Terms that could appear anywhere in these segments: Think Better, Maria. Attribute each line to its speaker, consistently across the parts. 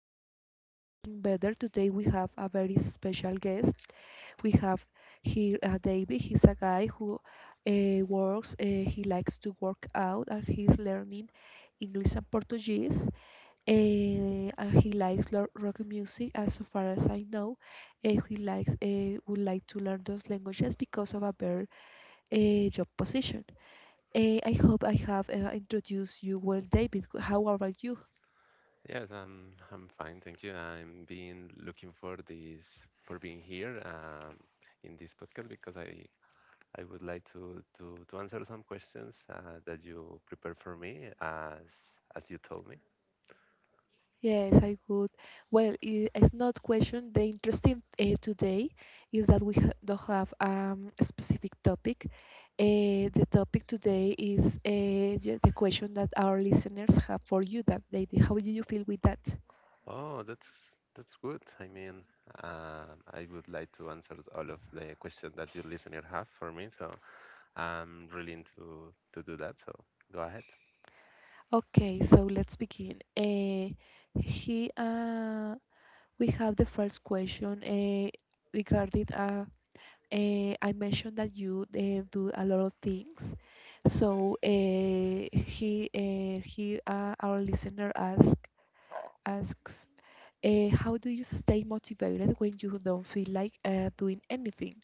Speaker 1: podcast Think Better. Today we have a very special guest. We have here David. He's a guy who works. He likes to work out, and he's learning English and Portuguese. And he likes rock music. As so far as I know, he likes would like to learn those languages because of a better job position. I hope I have introduced you well, David. How about you?
Speaker 2: Yes, I'm fine, thank you. I'm been looking for this for being here in this podcast because I would like to to answer some questions that you prepared for me as you told me.
Speaker 1: Yes, I would. Well, it's not question. The interesting today is that we ha don't have a specific topic. The topic today is the question that our listeners have for you that they. How do you feel with that?
Speaker 2: Oh, that's good. I mean, I would like to answer all of the questions that your listener have for me, so I'm willing to do that. So go ahead.
Speaker 1: Okay, so let's begin. He, uh, we have the first question regarding I mentioned that you do a lot of things. So our listener asks, how do you stay motivated when you don't feel like doing anything?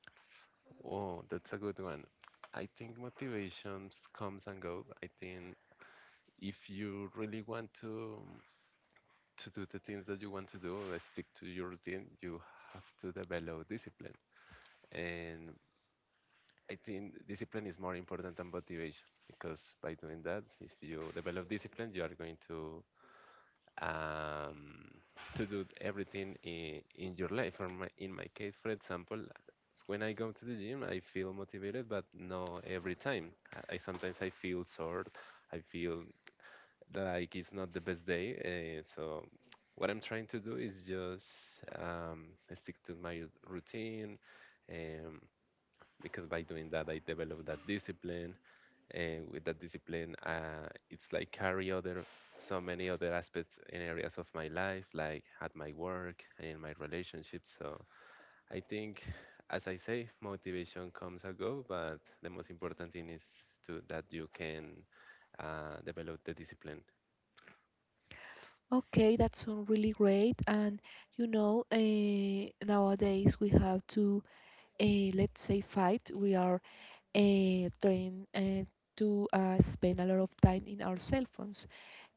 Speaker 2: Oh, that's a good one. I think motivations comes and go. I think if you really want to to do the things that you want to do stick to your routine. You have to develop discipline and I think discipline is more important than motivation, because by doing that, if you develop discipline, you are going um, to do everything in your life. Or in my case, for example, when I go to the gym I feel motivated, but no every time I sometimes I feel sore. I feel like it's not the best day. So what I'm trying to do is just um, stick to my routine, um, because by doing that I develop that discipline, and with that discipline, it's like carry other, so many other aspects and areas of my life, like at my work and in my relationships. So I think, as I say, motivation comes and go, but the most important thing is to that you can develop the discipline.
Speaker 1: Okay, that sounds really great. And you know, nowadays we have to, uh, let's say, fight. We are trained to spend a lot of time in our cell phones.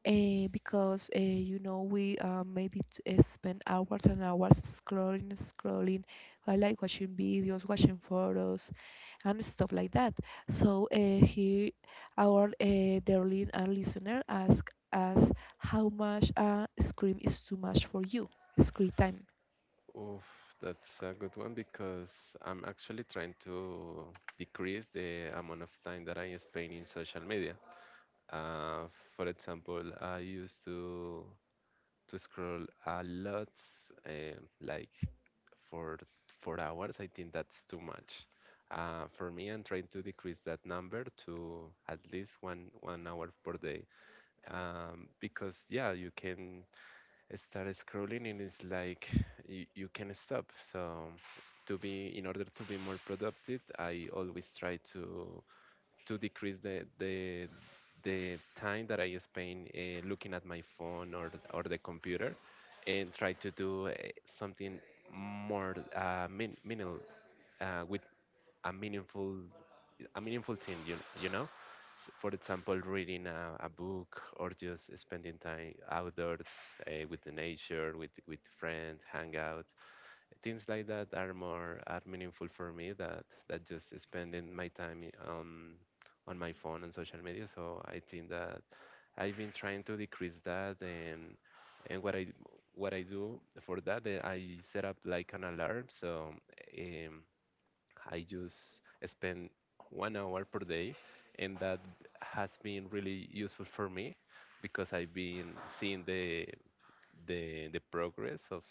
Speaker 1: Because you know we spend hours and hours scrolling, scrolling. I like watching videos, watching photos, and stuff like that. So here, our darling listener asked us how much screen is too much for you, screen time.
Speaker 2: Oof, that's a good one because I'm actually trying to decrease the amount of time that I spend in social media. Uh, for example, I used to scroll a lot, like for 4 hours. I think that's too much. For me, I'm trying to decrease that number to at least one hour per day. Because yeah, you can start scrolling and it's like you can stop. So to be in order to be more productive, I always try to decrease the the time that I spend looking at my phone or the computer, and try to do something more meaningful with a meaningful, a meaningful thing, you know? For example, reading a book, or just spending time outdoors with the nature, with friends, hang out. Things like that are more, are meaningful for me that, that just spending my time on my phone and social media. So I think that I've been trying to decrease that, and what I, what I do for that, I set up like an alarm so um, I just spend 1 hour per day, and that has been really useful for me because I've been seeing the the progress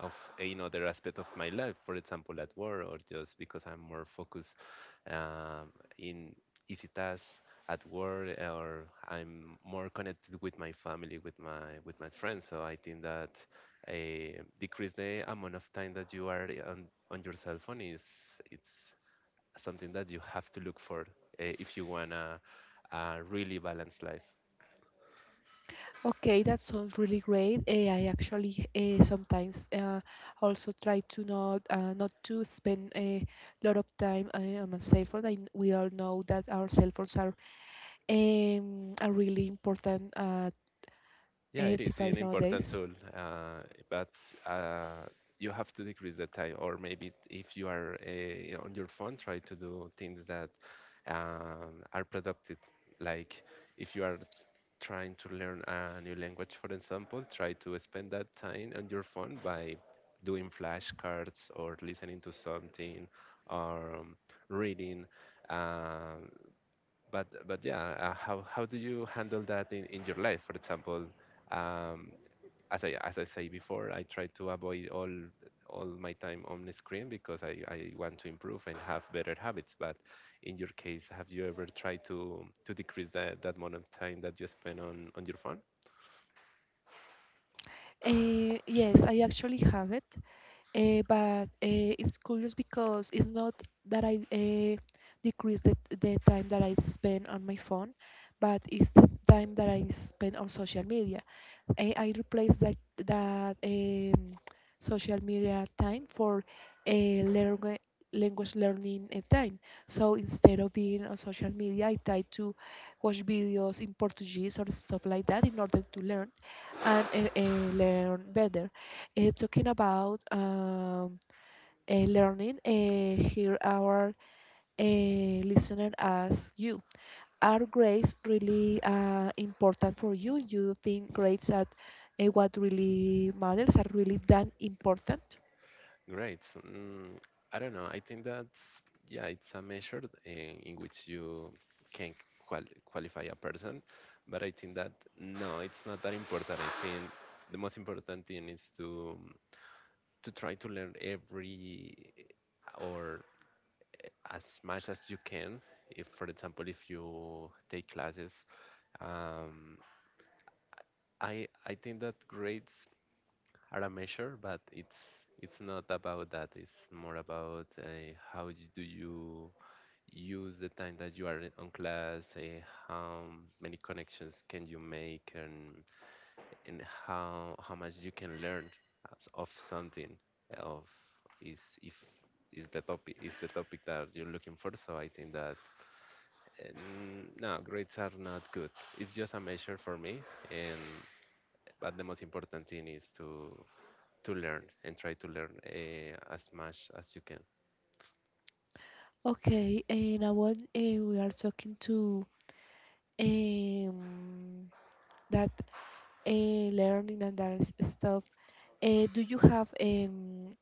Speaker 2: of another aspect of my life, for example, at work, or just because I'm more focused um, in easy tasks at work, or I'm more connected with my family, with my friends. So I think that decrease the amount of time that you are on your cell phone is it's something that you have to look for, if you want a really balanced life.
Speaker 1: Okay, that sounds really great. I actually sometimes also try to not to spend a lot of time on my cell phone. We all know that our cell phones are a really important
Speaker 2: Yeah, it is an
Speaker 1: device
Speaker 2: important
Speaker 1: nowadays.
Speaker 2: tool, uh, but uh, you have to decrease the time. Or maybe if you are on your phone, try to do things that are productive. Like if you are trying to learn a new language, for example, try to spend that time on your phone by doing flashcards or listening to something or reading. Um, but yeah, how do you handle that in your life? For example, um, as I say before, I try to avoid all my time on the screen because I want to improve and have better habits. But in your case, have you ever tried to decrease that that amount of time that you spend on your phone?
Speaker 1: Yes, I actually have it. But it's curious because it's not that I decrease the time that I spend on my phone, but it's the time that I spend on social media. I replace that social media time for a language learning time. So instead of being on social media, I try to watch videos in Portuguese or stuff like that in order to learn and learn better. Talking about learning, here our uh, listener asks you, are grades really important for you? You think grades are what really matters, are really that important?
Speaker 2: Great. So, Mm, I don't know. I think that yeah, it's a measure in which you can qualify a person, but I think that no, it's not that important. I think the most important thing is to try to learn every or as much as you can. If, for example, if you take classes, um, I think that grades are a measure, but it's not about that. It's more about how do you use the time that you are on class, how many connections can you make, and how much you can learn as of something of is if is the topic, is the topic that you're looking for. So I think that no grades are not good. It's just a measure for me, and but the most important thing is to learn and try to learn as much as you can.
Speaker 1: Okay, and now what we are talking to um, that learning and that stuff. Do you have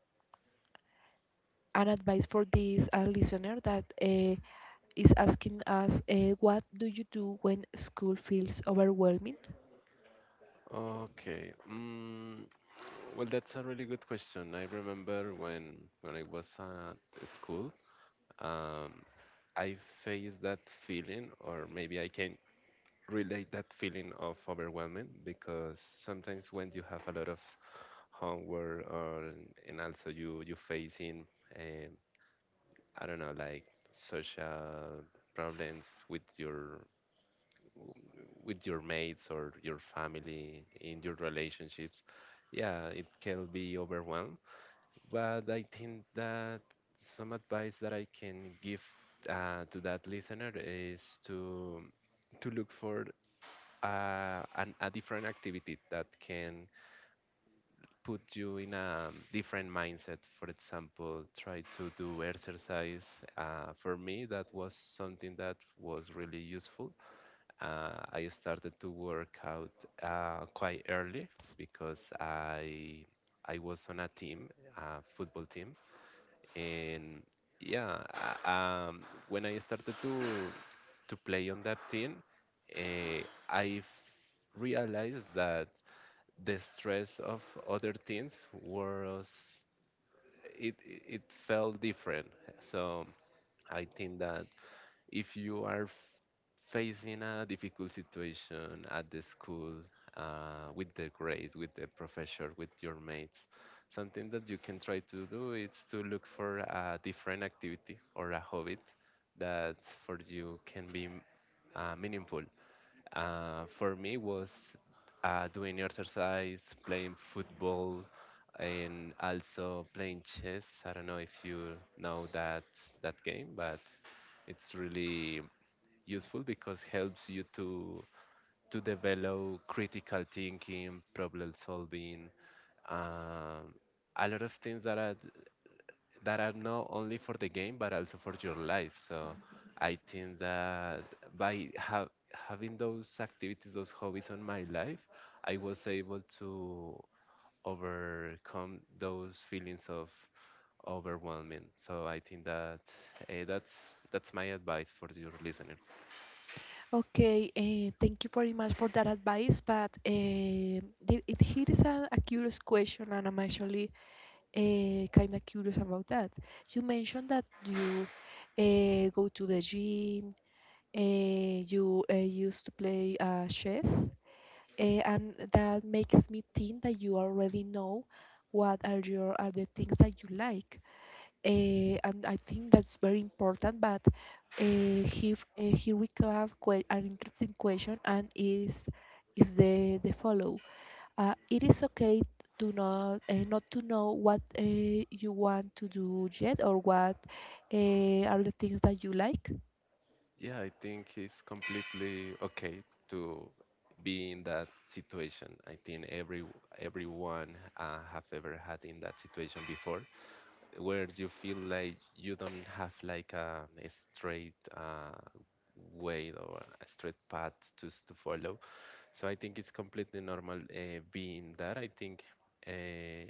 Speaker 1: an advice for this listener that is asking us what do you do when school feels overwhelming?
Speaker 2: Okay. Mm, well, that's a really good question. I remember when I was at school, um, I faced that feeling, or maybe I can relate that feeling of overwhelming, because sometimes when you have a lot of homework, or and also you facing, um, I don't know, like social problems with your mates or your family, in your relationships. Yeah, it can be overwhelmed, but I think that some advice that I can give to that listener is to look for a different activity that can put you in a different mindset. For example, try to do exercise. For me, that was something that was really useful. I started to work out quite early because I was on a team, a football team, and yeah, when I started to play on that team, uh, I realized that the stress of other teams was, it felt different. So I think that if you are facing a difficult situation at the school, with the grades, with the professor, with your mates, something that you can try to do is to look for a different activity or a hobby that for you can be meaningful. For me was doing exercise, playing football, and also playing chess. I don't know if you know that that game, but it's really useful because helps you to develop critical thinking, problem solving, um, a lot of things that are not only for the game but also for your life. So I think that by having those activities, those hobbies on my life, I was able to overcome those feelings of overwhelming. So I think that that's that's my advice for your listener.
Speaker 1: Okay, thank you very much for that advice, but here is a curious question, and I'm actually kind of curious about that. You mentioned that you go to the gym, you used to play chess, and that makes me think that you already know what are the things that you like. And I think that's very important. But here we can have an interesting question, and is the follow. It is okay to not to know what you want to do yet, or what are the things that you like.
Speaker 2: Yeah, I think it's completely okay to be in that situation. I think every everyone have ever had in that situation before, where you feel like you don't have like a straight way or a straight path to follow. So I think it's completely normal being that. I think uh,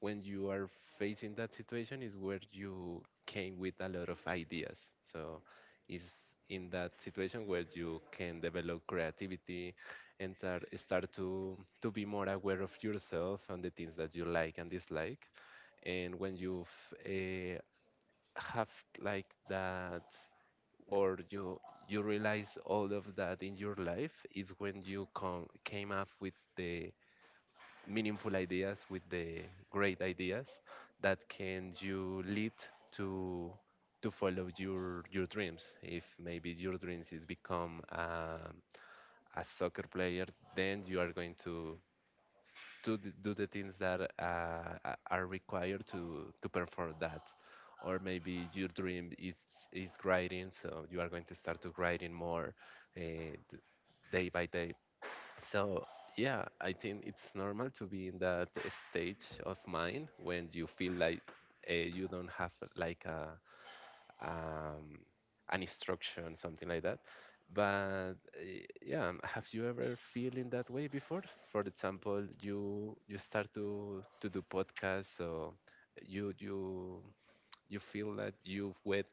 Speaker 2: when you are facing that situation is where you came with a lot of ideas. So it's in that situation where you can develop creativity, and start to be more aware of yourself and the things that you like and dislike. And when you uh, have like that, or you realize all of that in your life, is when you come came up with the meaningful ideas, with the great ideas that can you lead to to follow your dreams. If maybe your dreams is become a soccer player, then you are going to to do the things that are required to perform that. Or maybe your dream is writing, so you are going to start to writing more uh, d- day by day. So, yeah, I think it's normal to be in that stage of mind when you feel like you don't have like a um, an instruction, something like that. But yeah, have you ever feel in that way before? For example, you start to do podcasts, so you you feel that you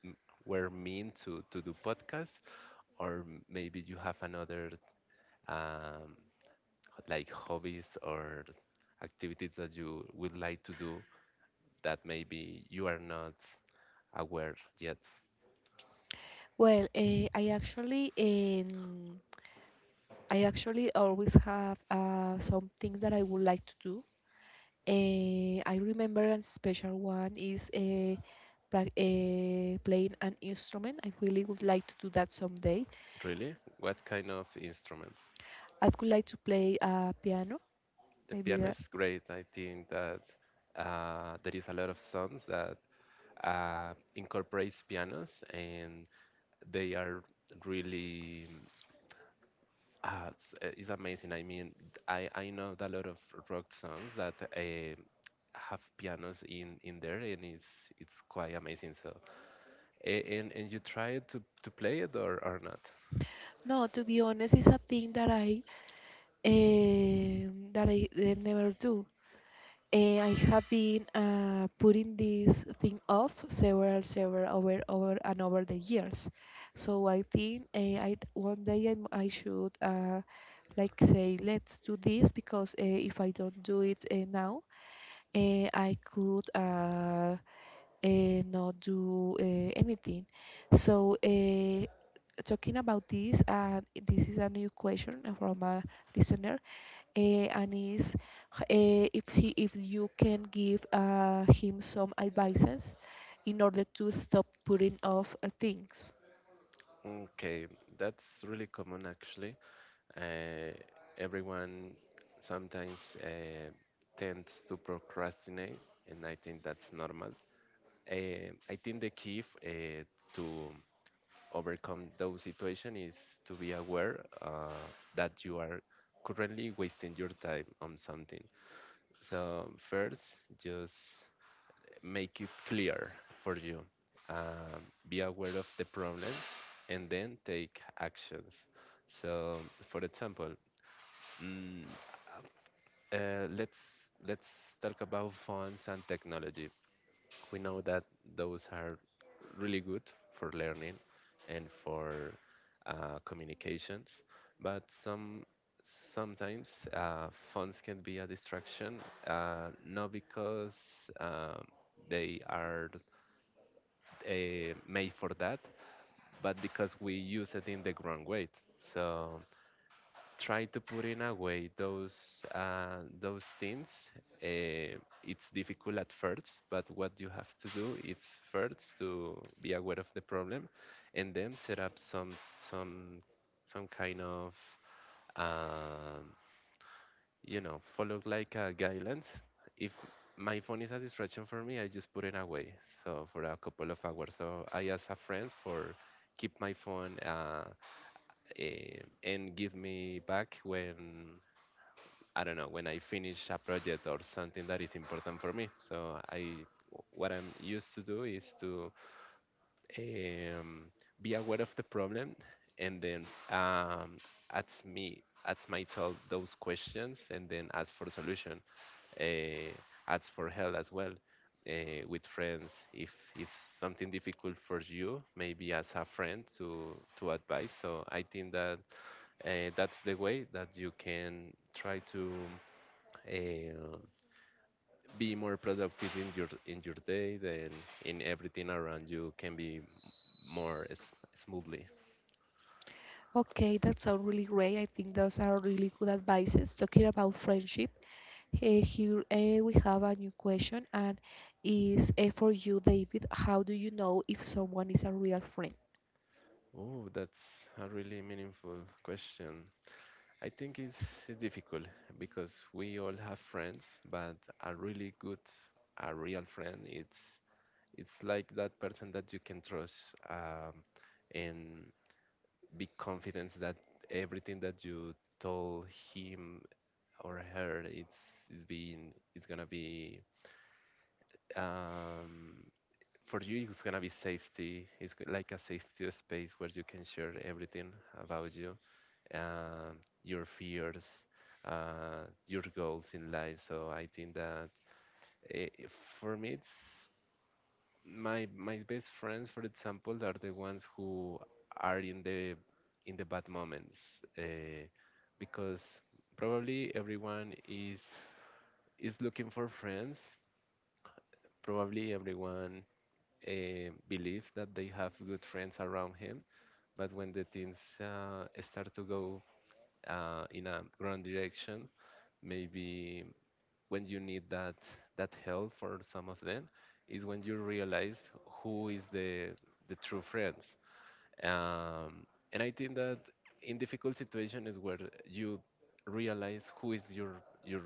Speaker 2: were mean to do podcasts, or maybe you have another um, like hobbies or activities that you would like to do that maybe you are not aware yet?
Speaker 1: Well, I actually always have some things that I would like to do. I remember a special one is playing an instrument. I really would like to do that someday.
Speaker 2: Really? What kind of instruments?
Speaker 1: I would like to play a piano,
Speaker 2: The
Speaker 1: maybe
Speaker 2: piano
Speaker 1: that.
Speaker 2: is great. I think that there is a lot of songs that incorporates pianos, and they are really it's amazing. I mean, I know that a lot of rock songs that have pianos in there, and it's quite amazing. So and you try to play it or not?
Speaker 1: No, to be honest, it's a thing that I never do. I have been putting this thing off several over and over the years. So I think I one day I should like say let's do this because if I don't do it now, I could not do anything. So talking about this, this is a new question from a listener, and is if he if you can give him some advices in order to stop putting off things.
Speaker 2: Okay, that's really common actually. Uh, Everyone sometimes tends to procrastinate, and I think that's normal. I think the key to overcome those situation is to be aware that you are currently wasting your time on something. So first, just make it clear for you. Be aware of the problem and then take actions. So, for example, mm, uh, let's let's talk about phones and technology. We know that those are really good for learning and for communications, but sometimes phones can be a distraction, not because um, they are made for that, but because we use it in the wrong way. So try to put in a way those things. Uh, it's difficult at first, but what you have to do is first to be aware of the problem, and then set up some kind of um, follow like a guidelines. If my phone is a distraction for me, I just put it away. So for a couple of hours. So I ask a friend for keep my phone eh, and give me back when I don't know when I finish a project or something that is important for me. So I what I'm used to do is to um, be aware of the problem and then ask myself those questions and then ask for solution uh, ask for help as well with friends. If it's something difficult for you, maybe as a friend to advise. So I think that that's the way that you can try to uh, be more productive in your day. Then in everything around you can be more smoothly.
Speaker 1: Okay, that sounds really great. I think those are really good advices. Talking about friendship, we have a new question, and is for you, David. How do you know if someone is a real friend?
Speaker 2: Oh, that's a really meaningful question. I think it's difficult because we all have friends, but a really good, a real friend, it's like that person that you can trust um, and be confident that everything that you told him or her, it's gonna be um, for you. It's gonna be safety. Like a safety space where you can share everything about you, um, your fears, your goals in life. So I think that, eh, for me, it's my my best friends, for example, are the ones who are in the bad moments, because probably everyone is looking for friends. Probably everyone believe that they have good friends around him, but when the things start to go in a wrong direction. Maybe when you need that that help for some of them is when you realize who is the true friends. Um, and I think that in difficult situation is where you realize who is your your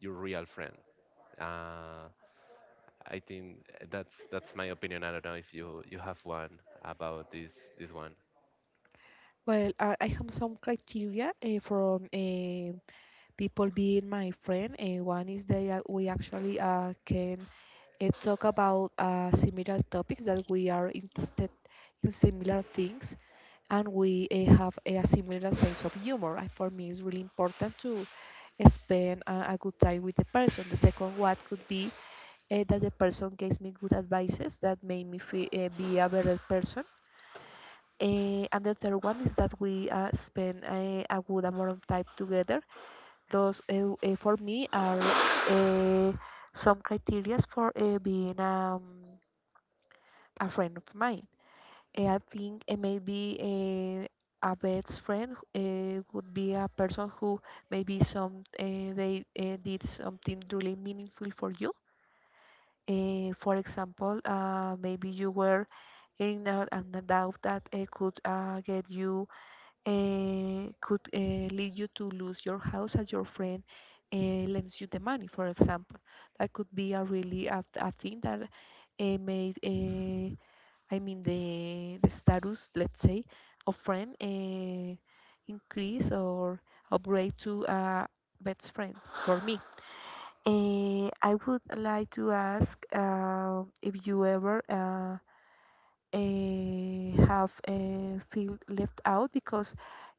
Speaker 2: your real friend. Uh, I think that's my opinion. I don't know if you you have one about this one.
Speaker 1: Well, I have some criteria people being my friend. And one is that we actually can talk about similar topics that we are interested in similar things and we have a similar sense of humor. And for me, it's really important to spend a good time with the person. The second what could be that the person gives me good advices that made me feel, be a better person. And the third one is that we spend a good amount of time together. Those For me are uh, some criterias for being a friend of mine. I think maybe a best friend would be a person who maybe some they did something really meaningful for you. For example, maybe you were in a, an doubt that could get you could lead you to lose your house as your friend uh, lends you the money, for example. That could be a really a thing that I mean, the status, let's say, of friend increase or upgrade to a best friend for me. I would like to ask if you ever have feel left out because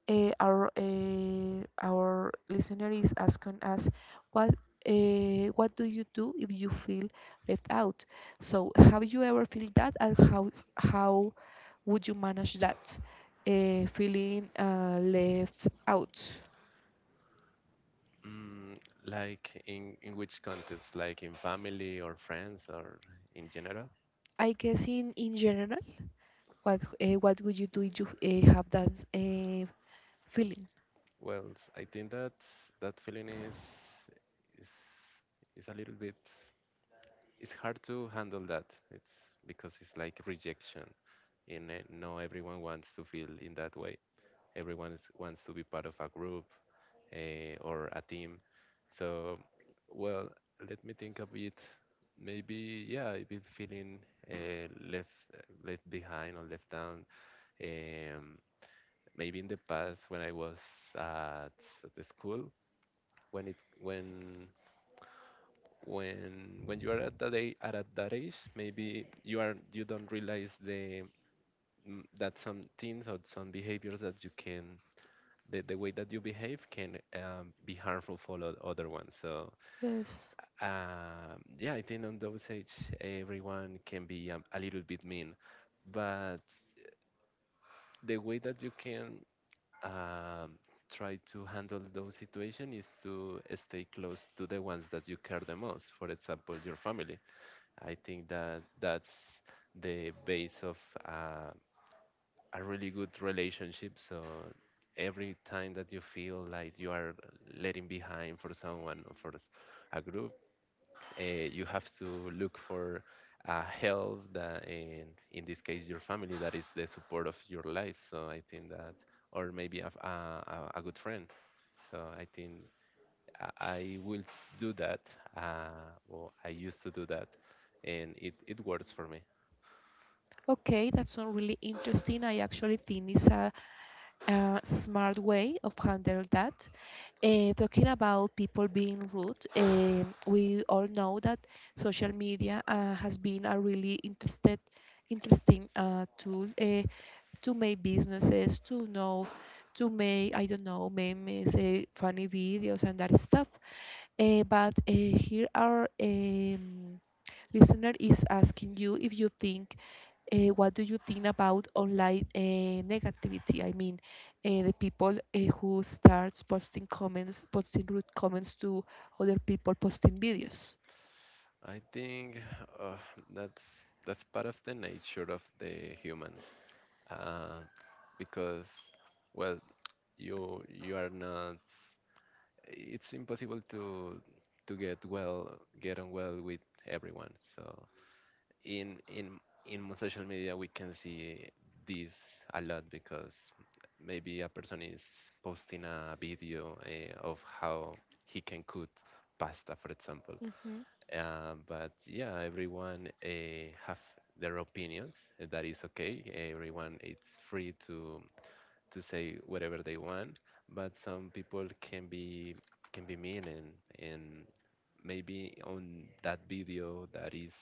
Speaker 1: our listener is asking us what what do you do if you feel left out? So have you ever feel that, and how would you manage that feeling left out?
Speaker 2: Mm, like in which context? Like in family or friends or in general?
Speaker 1: I guess in general, what would you do if you have that feeling?
Speaker 2: Well, I think that that feeling is is a little bit it's hard to handle that. It's because it's like rejection, and no everyone wants to feel in that way. Everyone is, wants to be part of a group, or a team. So, well, let me think a bit. Maybe, yeah, I've been feeling left left behind or left down. Um, Maybe in the past when I was at, at the school, when it when when you are at that age, at that age, maybe you are you don't realize the that some things or some behaviors that you can the way that you behave can be harmful for other ones. So
Speaker 1: Yes.
Speaker 2: Yeah, I think on those age, everyone can be a little bit mean, but the way that you can um, try to handle those situations is to stay close to the ones that you care the most. For example, your family. I think that that's the base of uh, a really good relationship. So every time that you feel like you are letting behind for someone or for a group, you have to look for help that in this case your family that is the support of your life, so I think that or maybe a good friend, so I think I will do that, well I used to do that and it works for me.
Speaker 1: Okay, that's not really interesting. I actually think it's a smart way of handle that. Talking about people being rude, we all know that social media has been a really interesting tool to make businesses, to know, to make, I don't know, memes, funny videos, and that stuff. But here our listener is asking you if you think what do you think about online negativity? I mean, the people who starts posting comments, posting rude comments to other people, posting videos.
Speaker 2: I think uh, that's that's part of the nature of the humans uh, because well you are not it's impossible to get well get on well with everyone. So in in in social media we can see this a lot because maybe a person is posting a video of how he can cook pasta, for example.
Speaker 1: Mhm.
Speaker 2: But yeah, everyone have their opinions, that is okay, everyone it's free to say whatever they want, but some people can be mean and maybe on that video that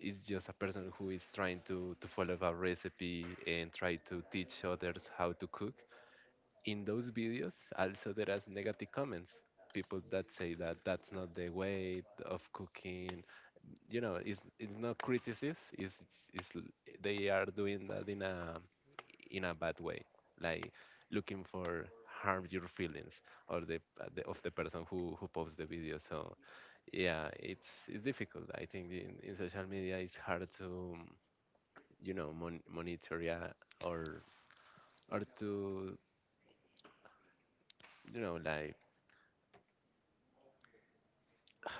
Speaker 2: is just a person who is trying to follow a recipe and try to teach others how to cook. In those videos also there are negative comments, people that say that that's not the way of cooking. You know it's not criticism, it's they are doing that in a bad way, like looking for harm your feelings or the of the person who posts the video. So yeah, it's difficult. I think in social media it's hard to you know monitor, yeah, or or to you know like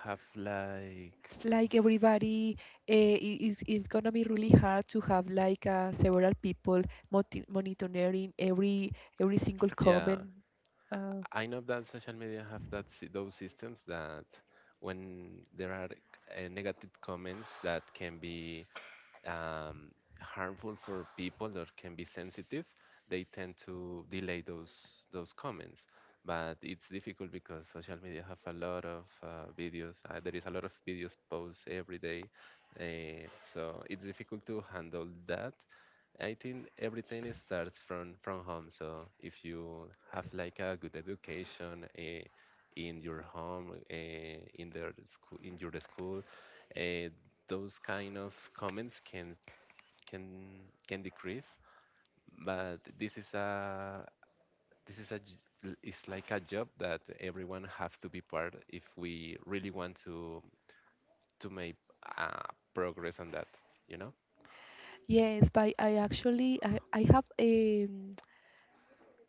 Speaker 2: have like
Speaker 1: Like everybody, uh, is it's gonna be really hard to have like several people monitoring every single
Speaker 2: yeah.
Speaker 1: comment. Uh,
Speaker 2: I know that social media have that those systems that when there are negative comments that can be um, harmful for people or can be sensitive, they tend to delay those comments. But it's difficult because social media have a lot of videos. There is a lot of videos posted every day, uh, so it's difficult to handle that. I think everything starts from home. So if you have like a good education, in your home, in their school, in your school, uh, those kind of comments can can decrease, but this is a it's like a job that everyone has to be part if we really want to make uh, progress on that, you know.
Speaker 1: yes, but I actually I have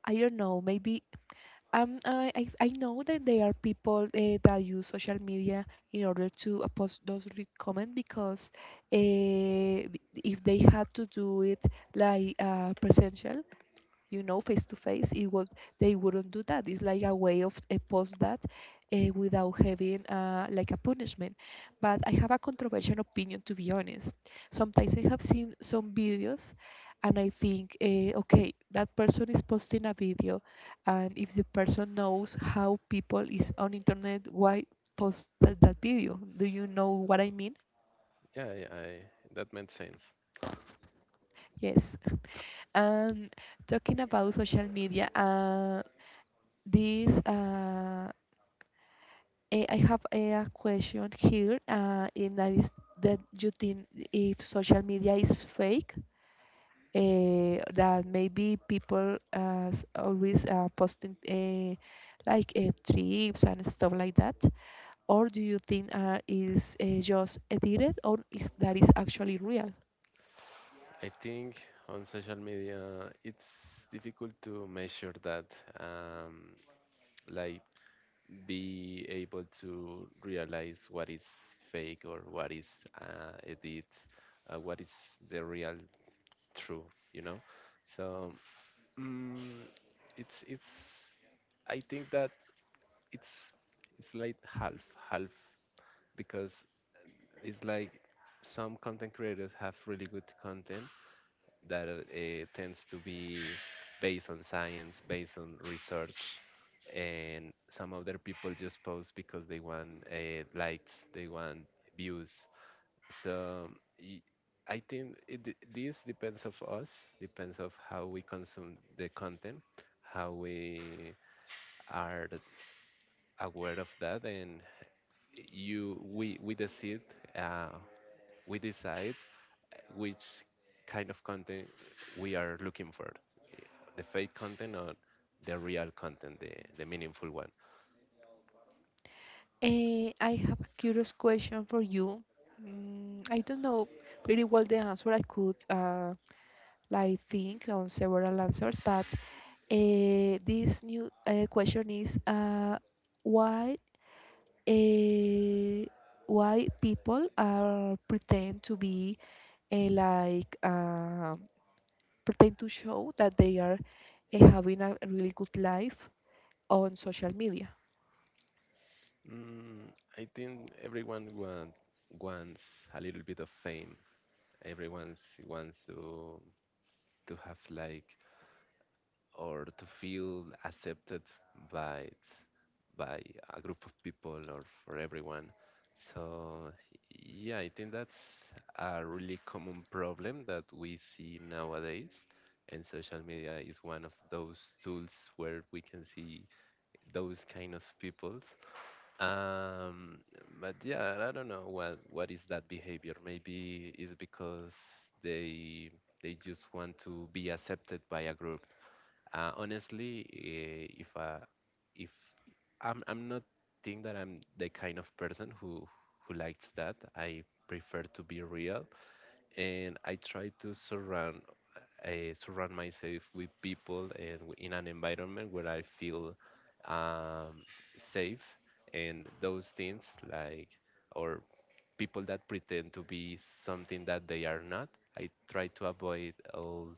Speaker 1: I don't know maybe. I know that there are people that use social media in order to post those because uh, if they had to do it like presential, you know, face to face, it would they wouldn't do that. It's like a way of post that without having like a punishment. But I have a controversial opinion to be honest. Sometimes I have seen some videos, and I think, okay, that person is posting a video, and if the person knows how people is on internet, why post that video? Do you know what I mean?
Speaker 2: Yeah, yeah, that made sense.
Speaker 1: Yes. And talking about social media, this. Uh, I have a question here, and that is that you think if social media is fake, that maybe people always posting like trips and stuff like that, or do you think is just edited, or is that is actually real?
Speaker 2: I think on social media it's difficult to measure that, um, like be able to realize what is fake or what is edit, what is the real true, you know. So mm, it's I think that it's it's like half half because it's like some content creators have really good content that tends to be based on science, based on research, and some other people just post because they want likes, they want views. So y- I think it, this depends of us, depends of how we consume the content, how we are aware of that, and you uh, we decide which kind of content we are looking for, the fake content or the real content, the meaningful one.
Speaker 1: I have a curious question for you. I don't know pretty well the answer. I could like think on several answers, but this new question is why uh, why people are pretend to be like pretend to show that they are having a really good life on social media.
Speaker 2: Mm, I think everyone want, wants a little bit of fame. Everyone wants to have like or to feel accepted by by a group of people or for everyone. So yeah, I think that's a really common problem that we see nowadays, and social media is one of those tools where we can see those kind of people, um, but yeah, I don't know what is that behavior. Maybe it's because they they just want to be accepted by a group. Honestly, if I, if I'm not think that I'm the kind of person who likes that. I prefer to be real, and I try to surround surround myself with people and in an environment where I feel um, safe. And those things, like, or people that pretend to be something that they are not, I try to avoid all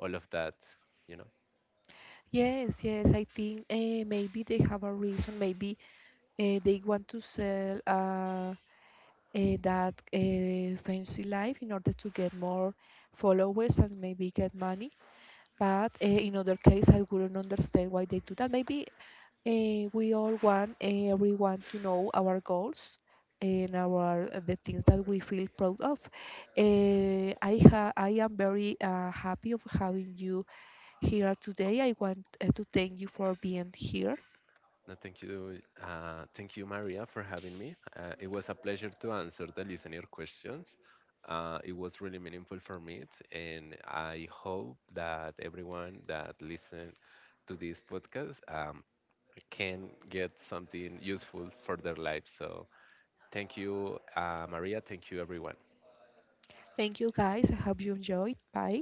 Speaker 2: all of that, you know.
Speaker 1: Yes, yes, I think maybe they have a reason. Maybe they want to sell. That fancy life in order to get more followers and maybe get money. But in other case, I wouldn't understand why they do that. Maybe we all want everyone to know our goals and our the things that we feel proud of. I am very happy of having you here today. I want to thank you for being here.
Speaker 2: No, thank you. Thank you, Maria, for having me. It was a pleasure to answer the listener questions. It was really meaningful for me, and I hope that everyone that listen to this podcast can get something useful for their life. So, thank you, Maria. Thank you, everyone.
Speaker 1: Thank you guys. I hope you enjoyed. Bye.